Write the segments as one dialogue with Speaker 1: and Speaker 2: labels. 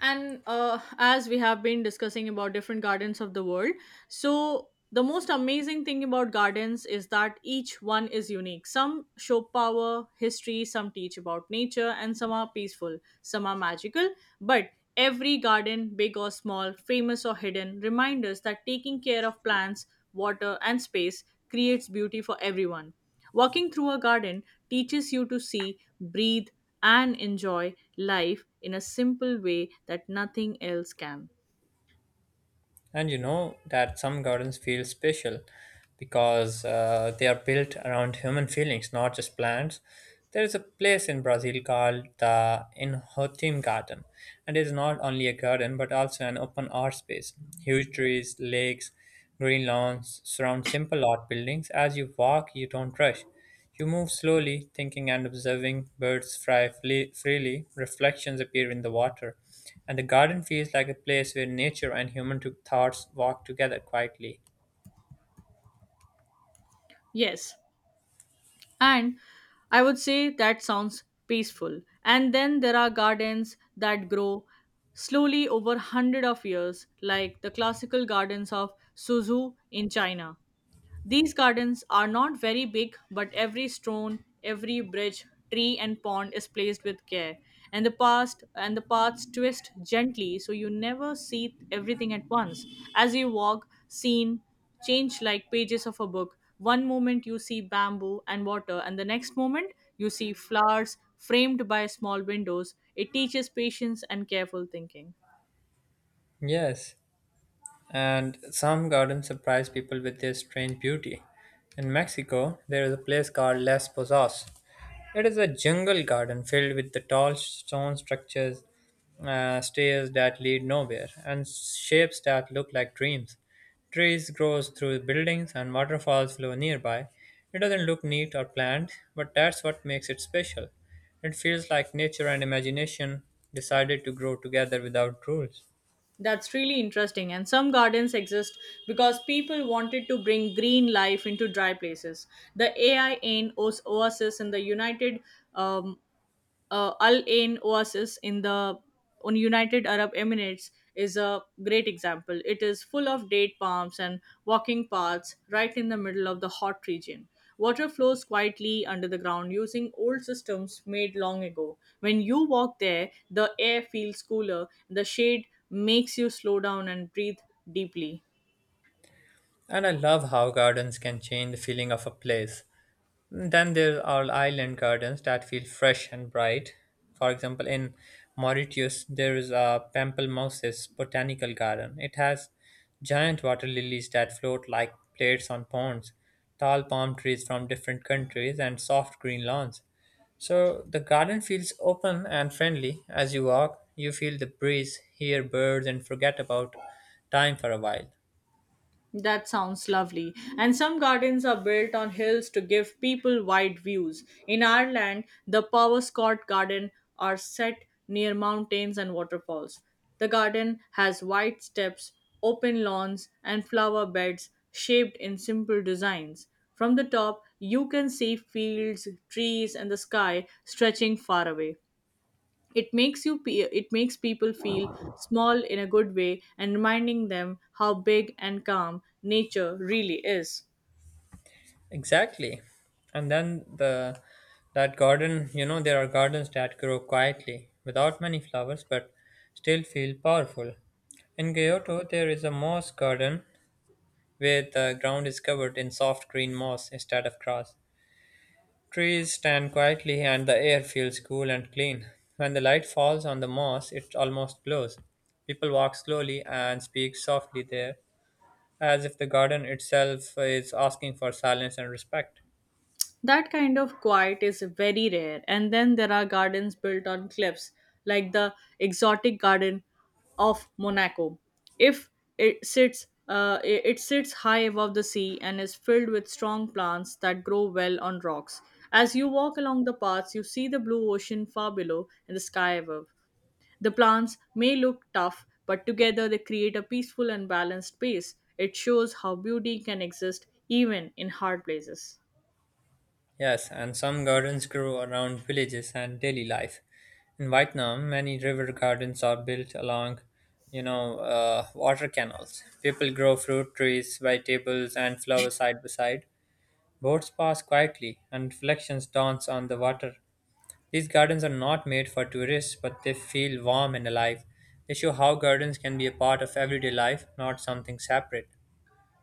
Speaker 1: And As we have been discussing about different gardens of the world, so the most amazing thing about gardens is that each one is unique. Some show power, history, some teach about nature, and some are peaceful, some are magical. But every garden, big or small, famous or hidden, reminds us that taking care of plants, water, and space creates beauty for everyone. Walking through a garden teaches you to see, breathe, and enjoy life in a simple way that nothing else can.
Speaker 2: And you know that some gardens feel special because they are built around human feelings, not just plants. There is a place in Brazil called the Inhotim Garden, and it is not only a garden but also an open art space. Huge trees, lakes, green lawns surround simple art buildings. As you walk, you don't rush. You move slowly, thinking and observing. Birds freely, reflections appear in the water, and the garden feels like a place where nature and thoughts walk together quietly.
Speaker 1: Yes, and I would say that sounds peaceful. And then there are gardens that grow slowly over hundred of years, like the classical gardens of Suzhou in China. These gardens are not very big, but every stone, every bridge, tree and pond is placed with care. And the past and the paths twist gently so you never see everything at once. As you walk, scene change like pages of a book. One moment you see bamboo and water, and the next moment you see flowers framed by small windows. It teaches patience and careful thinking.
Speaker 2: Yes, and some gardens surprise people with their strange beauty. In Mexico, there is a place called Las Pozas. It is a jungle garden filled with the tall stone structures, stairs that lead nowhere, and shapes that look like dreams. Trees grow through buildings and waterfalls flow nearby. It doesn't look neat or planned, but that's what makes it special. It feels like nature and imagination decided to grow together without rules.
Speaker 1: That's really interesting. And some gardens exist because people wanted to bring green life into dry places. The A I N O S in Oasis in the United um, Al Ain Oasis in the on United Arab Emirates is a great example. It is full of date palms and walking paths right in the middle of the hot region. Water flows quietly under the ground using old systems made long ago. When you walk there, the air feels cooler, the shade makes you slow down and breathe deeply.
Speaker 2: And I love how gardens can change the feeling of a place. Then there are island gardens that feel fresh and bright. For example, in Mauritius, there is a Pamplemousses botanical garden. It has giant water lilies that float like plates on ponds, tall palm trees from different countries, and soft green lawns. So the garden feels open and friendly. As you walk, you feel the breeze, hear birds, and forget about time for a while.
Speaker 1: That sounds lovely. And some gardens are built on hills to give people wide views. In Ireland, the Powascot Garden are set near mountains and waterfalls. The garden has wide steps, open lawns, and flower beds shaped in simple designs. From the top, you can see fields, trees, and the sky stretching far away. It makes people feel small in a good way, and reminding them how big and calm nature really is.
Speaker 2: Exactly. And then the that garden, you know, there are gardens that grow quietly, without many flowers, but still feel powerful. In Kyoto, there is a moss garden where the ground is covered in soft green moss instead of grass. Trees stand quietly and the air feels cool and clean. When the light falls on the moss, it almost glows. People walk slowly and speak softly there, as if the garden itself is asking for silence and respect.
Speaker 1: That kind of quiet is very rare. And then there are gardens built on cliffs like the exotic garden of Monaco. If it sits, it sits high above the sea and is filled with strong plants that grow well on rocks. As you walk along the paths, you see the blue ocean far below and the sky above. The plants may look tough, but together they create a peaceful and balanced space. It shows how beauty can exist even in hard places.
Speaker 2: Yes, and some gardens grow around villages and daily life. In Vietnam, many river gardens are built along, you know, water canals. People grow fruit trees, vegetables, and flowers side by side. Boats pass quietly, and reflections dance on the water. These gardens are not made for tourists, but they feel warm and alive. They show how gardens can be a part of everyday life, not something separate.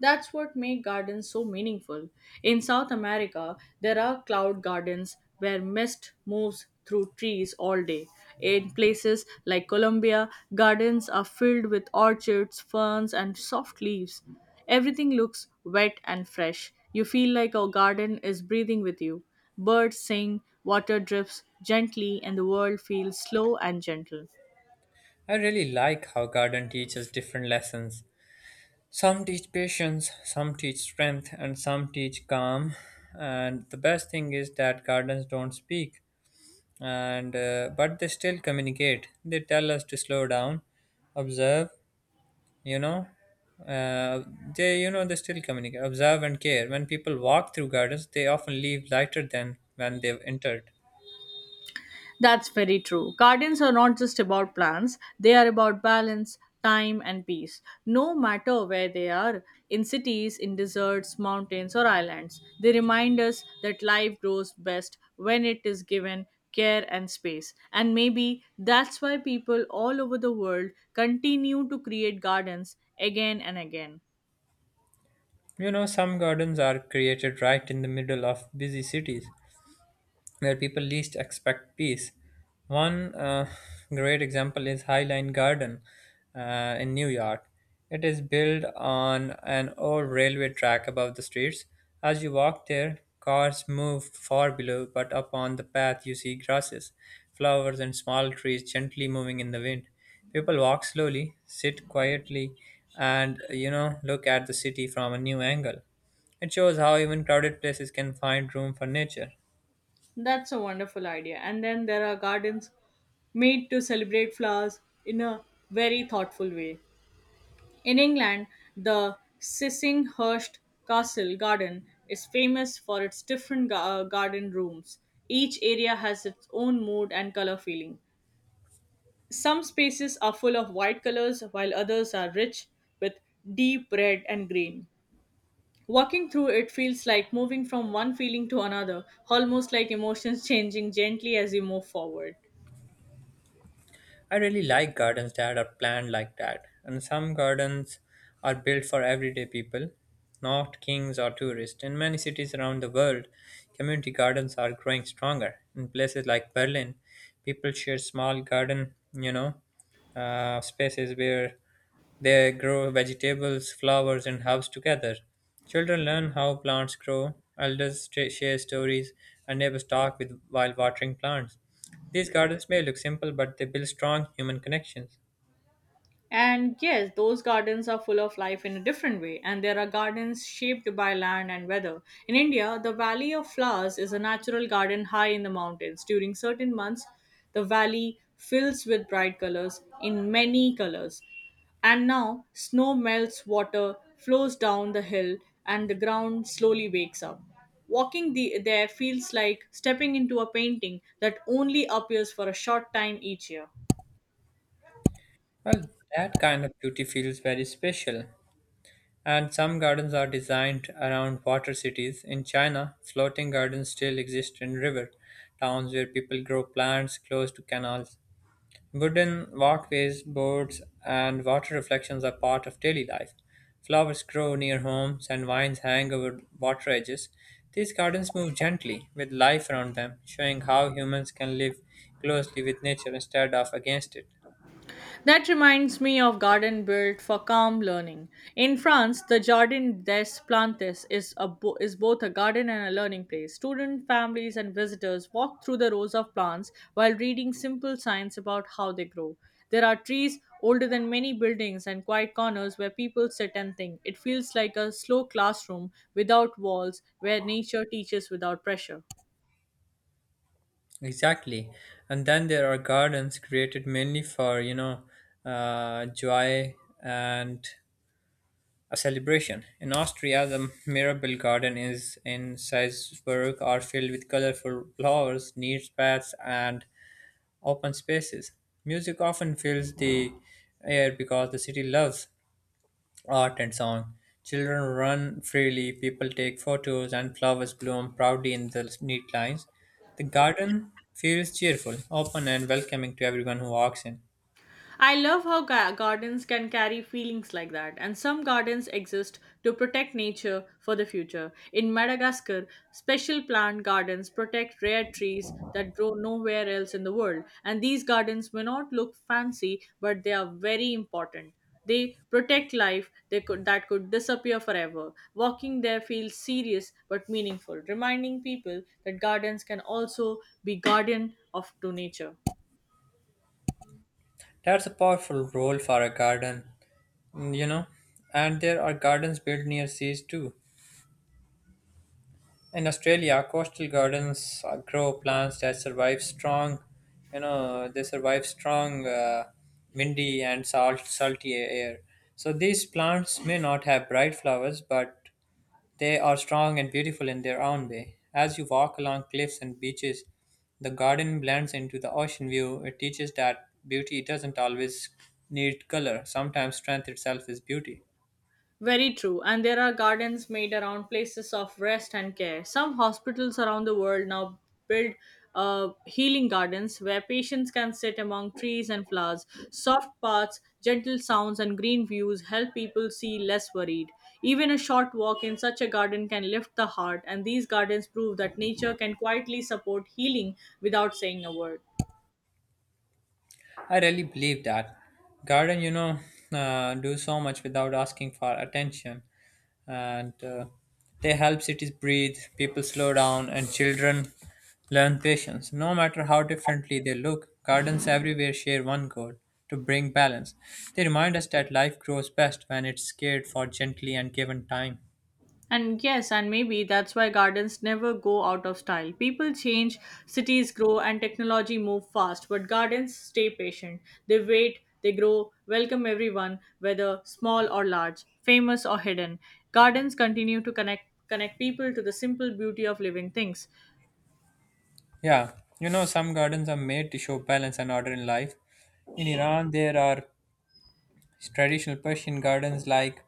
Speaker 1: That's what make gardens so meaningful. In South America, there are cloud gardens where mist moves through trees all day. In places like Colombia, gardens are filled with orchids, ferns, and soft leaves. Everything looks wet and fresh. You feel like our garden is breathing with you. Birds sing, water drips gently, and the world feels slow and gentle.
Speaker 2: I really like how garden teaches different lessons. Some teach patience, some teach strength, and some teach calm. And the best thing is that gardens don't speak, and but they still communicate. They tell us to slow down, observe. You know, uh, they they still communicate. Observe and care. When people walk through gardens, they often leave lighter than when they've entered.
Speaker 1: That's very true. Gardens are not just about plants, they are about balance, time, and peace. No matter where they are, in cities, in deserts, mountains, or islands, they remind us that life grows best when it is given care and space. And maybe that's why people all over the world continue to create gardens again and again.
Speaker 2: You know, some gardens are created right in the middle of busy cities where people least expect peace. One great example is Highline Garden in New York. It is built on an old railway track above the streets. As you walk there, cars move far below, but up on the path you see grasses, flowers, and small trees gently moving in the wind. People walk slowly, sit quietly, and you know, look at the city from a new angle. It shows how even crowded places can find room for nature.
Speaker 1: That's a wonderful idea. And then there are gardens made to celebrate flowers in a very thoughtful way. In England, the Sissinghurst Castle Garden is famous for its different garden rooms. Each area has its own mood and color feeling. Some spaces are full of white colors, while others are rich with deep red and green. Walking through it feels like moving from one feeling to another, almost like emotions changing gently as you move forward.
Speaker 2: I really like gardens that are planned like that, and some gardens are built for everyday people, not kings or tourists. In many cities around the world, community gardens are growing stronger. In places like Berlin, people share small garden, you know, spaces where they grow vegetables, flowers, and herbs together. Children learn how plants grow, elders share stories, and neighbors talk with while watering plants. These gardens may look simple, but they build strong human connections.
Speaker 1: And yes, those gardens are full of life in a different way, and there are gardens shaped by land and weather. In India, the Valley of Flowers is a natural garden high in the mountains. During certain months, the valley fills with bright colors in many colors. And now, snow melts, water flows down the hill, and the ground slowly wakes up. Walking the, there feels like stepping into a painting that only appears for a short time each year.
Speaker 2: Well, that kind of beauty feels very special. And some gardens are designed around water cities. In China, floating gardens still exist in river towns where people grow plants close to canals. Wooden walkways, boards, and water reflections are part of daily life. Flowers grow near homes and vines hang over water edges. These gardens move gently with life around them, showing how humans can live closely with nature instead of against it.
Speaker 1: That reminds me of garden built for calm learning. In France, the Jardin des Plantes is, is both a garden and a learning place. Student families and visitors walk through the rows of plants while reading simple science about how they grow. There are trees older than many buildings and quiet corners where people sit and think. It feels like a slow classroom without walls where nature teaches without pressure.
Speaker 2: Exactly. And then there are gardens created mainly for, you know, joy and a celebration. In Austria, the Mirabel Garden is in Salzburg are filled with colorful flowers, neat paths, and open spaces. Music often fills the air because the city loves art and song. Children run freely, people take photos, and flowers bloom proudly in the neat lines. The garden feels cheerful, open, and welcoming to everyone who walks in.
Speaker 1: I love how gardens can carry feelings like that, and some gardens exist to protect nature for the future. In Madagascar, special plant gardens protect rare trees that grow nowhere else in the world, and these gardens may not look fancy, but they are very important. They protect life that could disappear forever. Walking there feels serious but meaningful, reminding people that gardens can also be guardian of to nature.
Speaker 2: That's a powerful role for a garden, you know. And there are gardens built near seas too. In Australia, coastal gardens grow plants that survive strong, you know, they survive strong, windy and salty air. So these plants may not have bright flowers, but they are strong and beautiful in their own way. As you walk along cliffs and beaches, the garden blends into the ocean view. It teaches that beauty doesn't always need color, sometimes, strength itself is beauty.
Speaker 1: Very true, and there are gardens made around places of rest and care. Some hospitals around the world now build healing gardens where patients can sit among trees and flowers. Soft paths, gentle sounds, and green views help people see less worried. Even a short walk in such a garden can lift the heart, and these gardens prove that nature can quietly support healing without saying a word.
Speaker 2: I really believe that. Garden, you know, do so much without asking for attention, and they help cities breathe, people slow down, and children learn patience. No matter how differently they look, gardens everywhere share one goal to bring balance. They remind us that life grows best when it's cared for gently and given time.
Speaker 1: And yes, and maybe that's why gardens never go out of style. People change, cities grow, and technology move fast, but gardens stay patient. They wait, they grow, welcome everyone, whether small or large, famous or hidden. Gardens continue to connect people to the simple beauty of living things.
Speaker 2: Yeah, you know, some gardens are made to show balance and order in life. In Iran, there are traditional Persian gardens like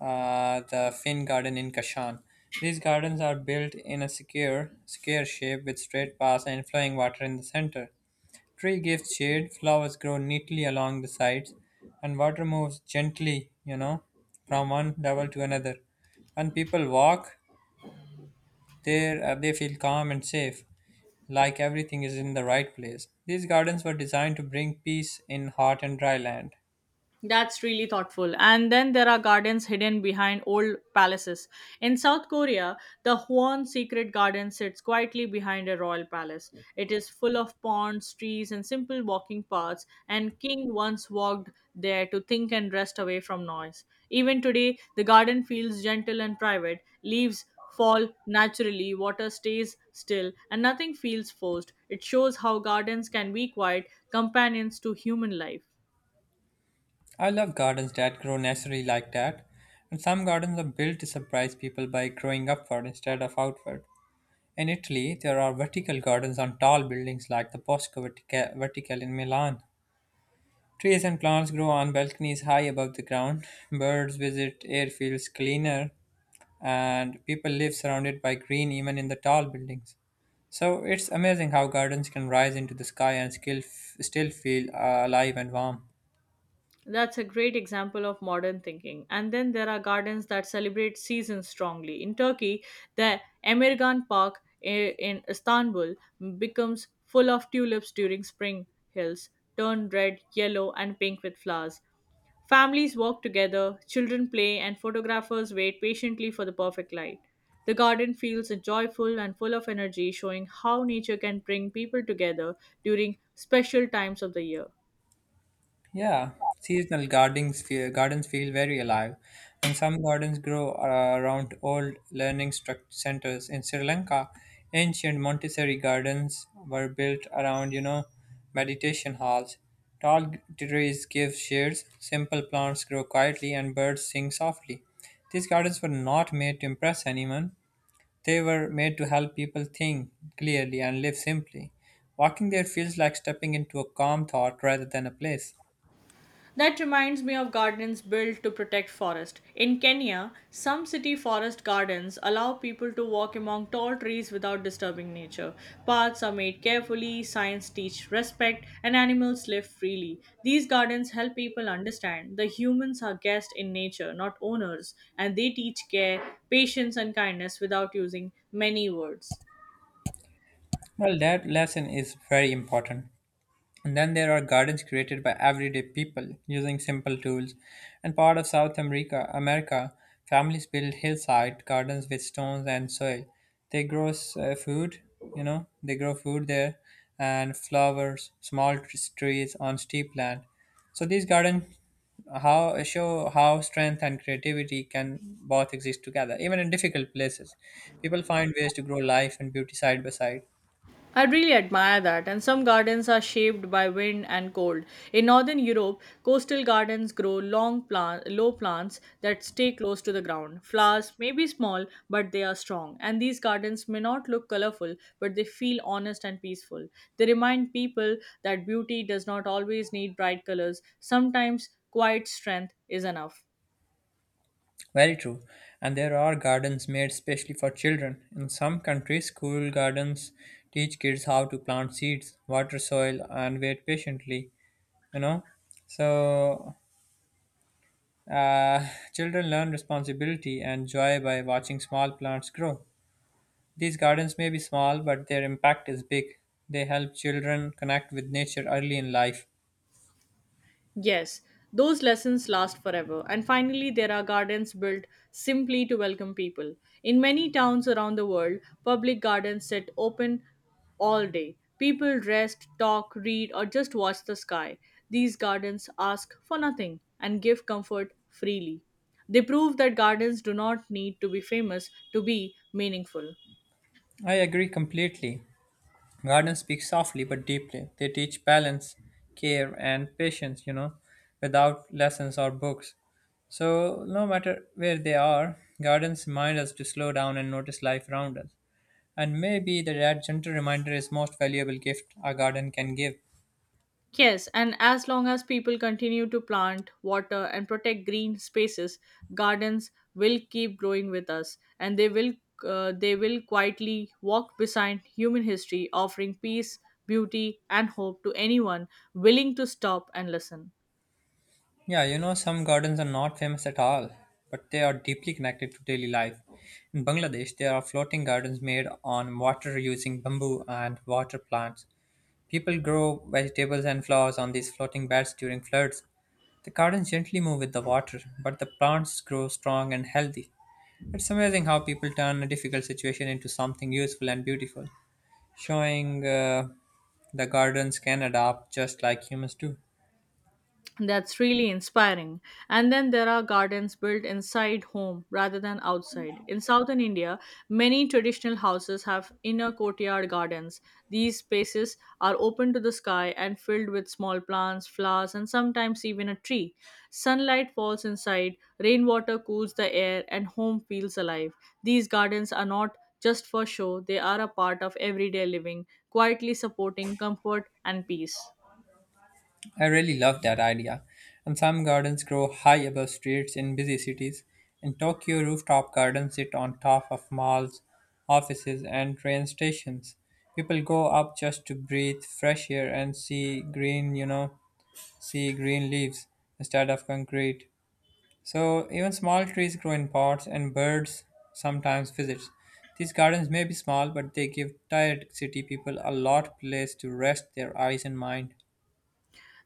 Speaker 2: the Finn Garden in Kashan. These gardens are built in a secure, square shape with straight paths and flowing water in the center. Tree gives shade, flowers grow neatly along the sides, and water moves gently, you know, from one level to another. When people walk there, they feel calm and safe, like everything is in the right place. These gardens were designed to bring peace in hot and dry land.
Speaker 1: That's really thoughtful. And then there are gardens hidden behind old palaces. In South Korea, the Hwan secret garden sits quietly behind a royal palace. It is full of ponds, trees, and simple walking paths, and king once walked there to think and rest away from noise. Even today, the garden feels gentle and private. Leaves fall naturally, water stays still, and nothing feels forced. It shows how gardens can be quiet companions to human life.
Speaker 2: I love gardens that grow naturally like that, and some gardens are built to surprise people by growing upward instead of outward. In Italy, there are vertical gardens on tall buildings like the Verticale in Milan. Trees and plants grow on balconies high above the ground. Birds visit airfields cleaner, and people live surrounded by green even in the tall buildings. So it's amazing how gardens can rise into the sky and skill still feel alive and warm.
Speaker 1: That's a great example of modern thinking. And then there are gardens that celebrate seasons strongly. In Turkey, the Emirgan Park in Istanbul becomes full of tulips during spring. Hills turn red, yellow, and pink with flowers. Families walk together, children play, and photographers wait patiently for the perfect light. The garden feels joyful and full of energy, showing how nature can bring people together during special times of the year.
Speaker 2: Yeah, seasonal gardens feel very alive, and some gardens grow around old centers in Sri Lanka. Ancient Montessori gardens were built around, you know, meditation halls. Tall g- trees give shades, simple plants grow quietly, and birds sing softly. These gardens were not made to impress anyone. They were made to help people think clearly and live simply. Walking there feels like stepping into a calm thought rather than a place.
Speaker 1: That reminds me of gardens built to protect forest. In Kenya, some city forest gardens allow people to walk among tall trees without disturbing nature. Paths are made carefully, signs teach respect, and animals live freely. These gardens help people understand the humans are guests in nature, not owners, and they teach care, patience, and kindness without using many words.
Speaker 2: Well, that lesson is very important. And then there are gardens created by everyday people using simple tools. And part of South America, families build hillside gardens with stones and soil. They grow food, you know, they grow food there and flowers, small trees on steep land. So these gardens how show how strength and creativity can both exist together, even in difficult places. People find ways to grow life and beauty side by side.
Speaker 1: I really admire that, and some gardens are shaped by wind and cold. In northern Europe, coastal gardens grow low plants that stay close to the ground. Flowers may be small, but they are strong, and these gardens may not look colorful, but they feel honest and peaceful. They remind people that beauty does not always need bright colors, sometimes, quiet strength is enough.
Speaker 2: Very true. And there are gardens made specially for children. In some countries, school gardens teach kids how to plant seeds, water soil, and wait patiently. You know? So, uh, children learn responsibility and joy by watching small plants grow. These gardens may be small, but their impact is big. They help children connect with nature early in life.
Speaker 1: Yes, those lessons last forever. And finally, there are gardens built simply to welcome people. In many towns around the world, public gardens sit open all day. People rest, talk, read, or just watch the sky. These gardens ask for nothing and give comfort freely. They prove that gardens do not need to be famous to be meaningful.
Speaker 2: I agree completely. Gardens speak softly but deeply. They teach balance, care, and patience, you know, without lessons or books. So, no matter where they are, gardens remind us to slow down and notice life around us. And maybe the that gentle reminder is most valuable gift a garden can give.
Speaker 1: Yes, and as long as people continue to plant, water, and protect green spaces, gardens will keep growing with us, and they will quietly walk beside human history, offering peace, beauty, and hope to anyone willing to stop and listen.
Speaker 2: Yeah, you know, some gardens are not famous at all, but they are deeply connected to daily life. In Bangladesh, there are floating gardens made on water using bamboo and water plants. People grow vegetables and flowers on these floating beds during floods. The gardens gently move with the water, but the plants grow strong and healthy. It's amazing how people turn a difficult situation into something useful and beautiful, showing the gardens can adapt just like humans do.
Speaker 1: That's really inspiring. And then there are gardens built inside home rather than outside. In southern India, many traditional houses have inner courtyard gardens. These spaces are open to the sky and filled with small plants, flowers, and sometimes even a tree. Sunlight falls inside, rainwater cools the air, and home feels alive. These gardens are not just for show, they are a part of everyday living, quietly supporting comfort and peace.
Speaker 2: I really love that idea. And some gardens grow high above streets in busy cities. In Tokyo, rooftop gardens sit on top of malls, offices, and train stations. People go up just to breathe fresh air and see green, you know, see green leaves instead of concrete. So even small trees grow in pots and birds sometimes visit. These gardens may be small, but they give tired city people a lot place to rest their eyes and mind.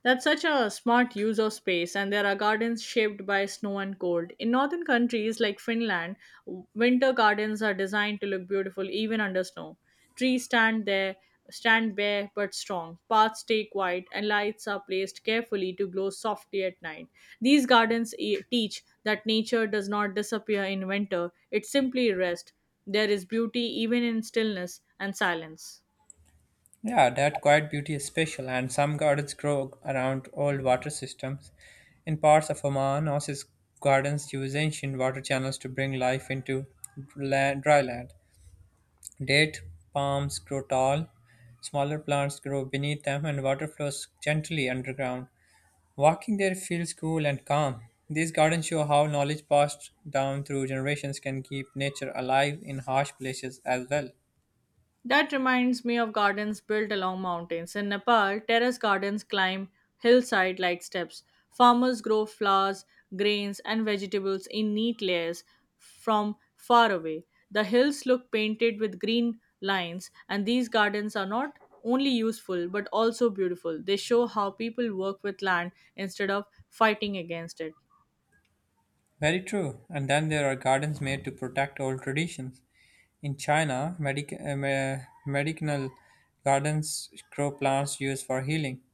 Speaker 1: That's such a smart use of space, and there are gardens shaped by snow and cold. In northern countries like Finland, winter gardens are designed to look beautiful even under snow. Trees stand there, Stand bare but strong. Paths stay quiet, and lights are placed carefully to glow softly at night. These gardens teach that nature does not disappear in winter; it simply rests. There is beauty even in stillness and silence.
Speaker 2: Yeah, that quiet beauty is special, and some gardens grow around old water systems. In parts of Oman, oasis gardens use ancient water channels to bring life into land, dry land. Date palms grow tall, smaller plants grow beneath them, and water flows gently underground. Walking there feels cool and calm. These gardens show how knowledge passed down through generations can keep nature alive in harsh places as well.
Speaker 1: That reminds me of gardens built along mountains. In Nepal, terrace gardens climb hillside like steps. Farmers grow flowers, grains, and vegetables in neat layers from far away. The hills look painted with green lines, and these gardens are not only useful but also beautiful. They show how people work with land instead of fighting against it.
Speaker 2: Very true. And then there are gardens made to protect old traditions. In China, medicinal gardens grow plants used for healing.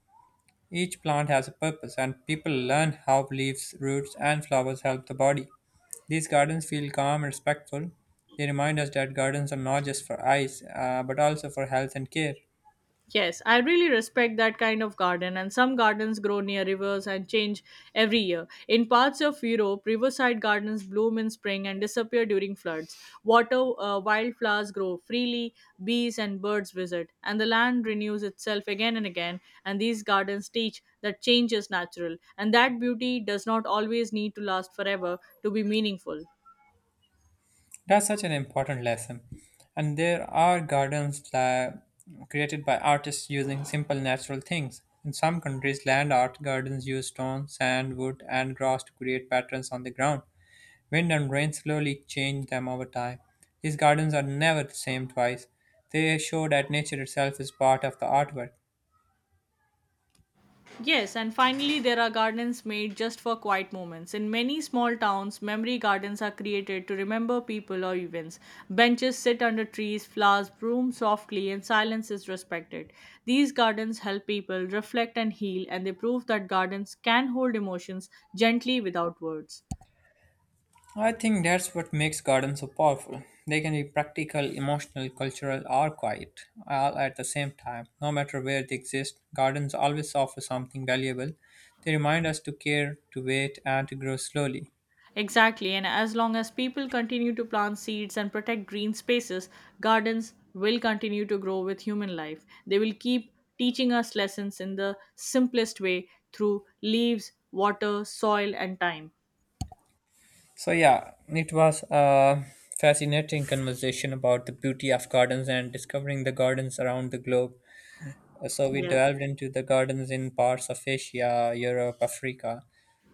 Speaker 2: Each plant has a purpose, and people learn how leaves, roots, and flowers help the body. These gardens feel calm and respectful. They remind us that gardens are not just for eyes, but also for health and care.
Speaker 1: Yes, I really respect that kind of garden, and some gardens grow near rivers and change every year. In parts of Europe, riverside gardens bloom in spring and disappear during floods. Water Wildflowers grow freely, bees and birds visit, and the land renews itself again and again. And these gardens teach that change is natural, and that beauty does not always need to last forever to be meaningful.
Speaker 2: That's such an important lesson. And there are gardens that created by artists using simple natural things. In some countries, land art gardens use stone, sand, wood, and grass to create patterns on the ground. Wind and rain slowly change them over time. These gardens are never the same twice. They show that nature itself is part of the artwork.
Speaker 1: Yes, and finally, there are gardens made just for quiet moments. In many small towns, memory gardens are created to remember people or events. Benches sit under trees, flowers bloom softly, and silence is respected. These gardens help people reflect and heal, and they prove that gardens can hold emotions gently without words.
Speaker 2: I think that's what makes gardens so powerful. They can be practical, emotional, cultural, or quiet, all at the same time. No matter where they exist, gardens always offer something valuable. They remind us to care, to wait, and to grow slowly.
Speaker 1: Exactly, and as long as people continue to plant seeds and protect green spaces, gardens will continue to grow with human life. They will keep teaching us lessons in the simplest way through leaves, water, soil, and time.
Speaker 2: So, yeah, it was a fascinating conversation about the beauty of gardens and discovering the gardens around the globe. So we
Speaker 1: Yes,
Speaker 2: delved into the gardens in parts of Asia, Europe, Africa.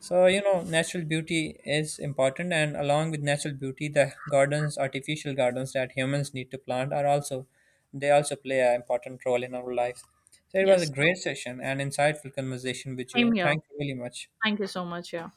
Speaker 2: So you know natural beauty is important, and along with natural beauty the gardens, artificial gardens that humans need to plant are also they also play an important role in our lives. So it was
Speaker 1: yes.
Speaker 2: a great session and insightful conversation with you.
Speaker 1: Same here.
Speaker 2: Thank you really much.
Speaker 1: Thank you so much. Yeah.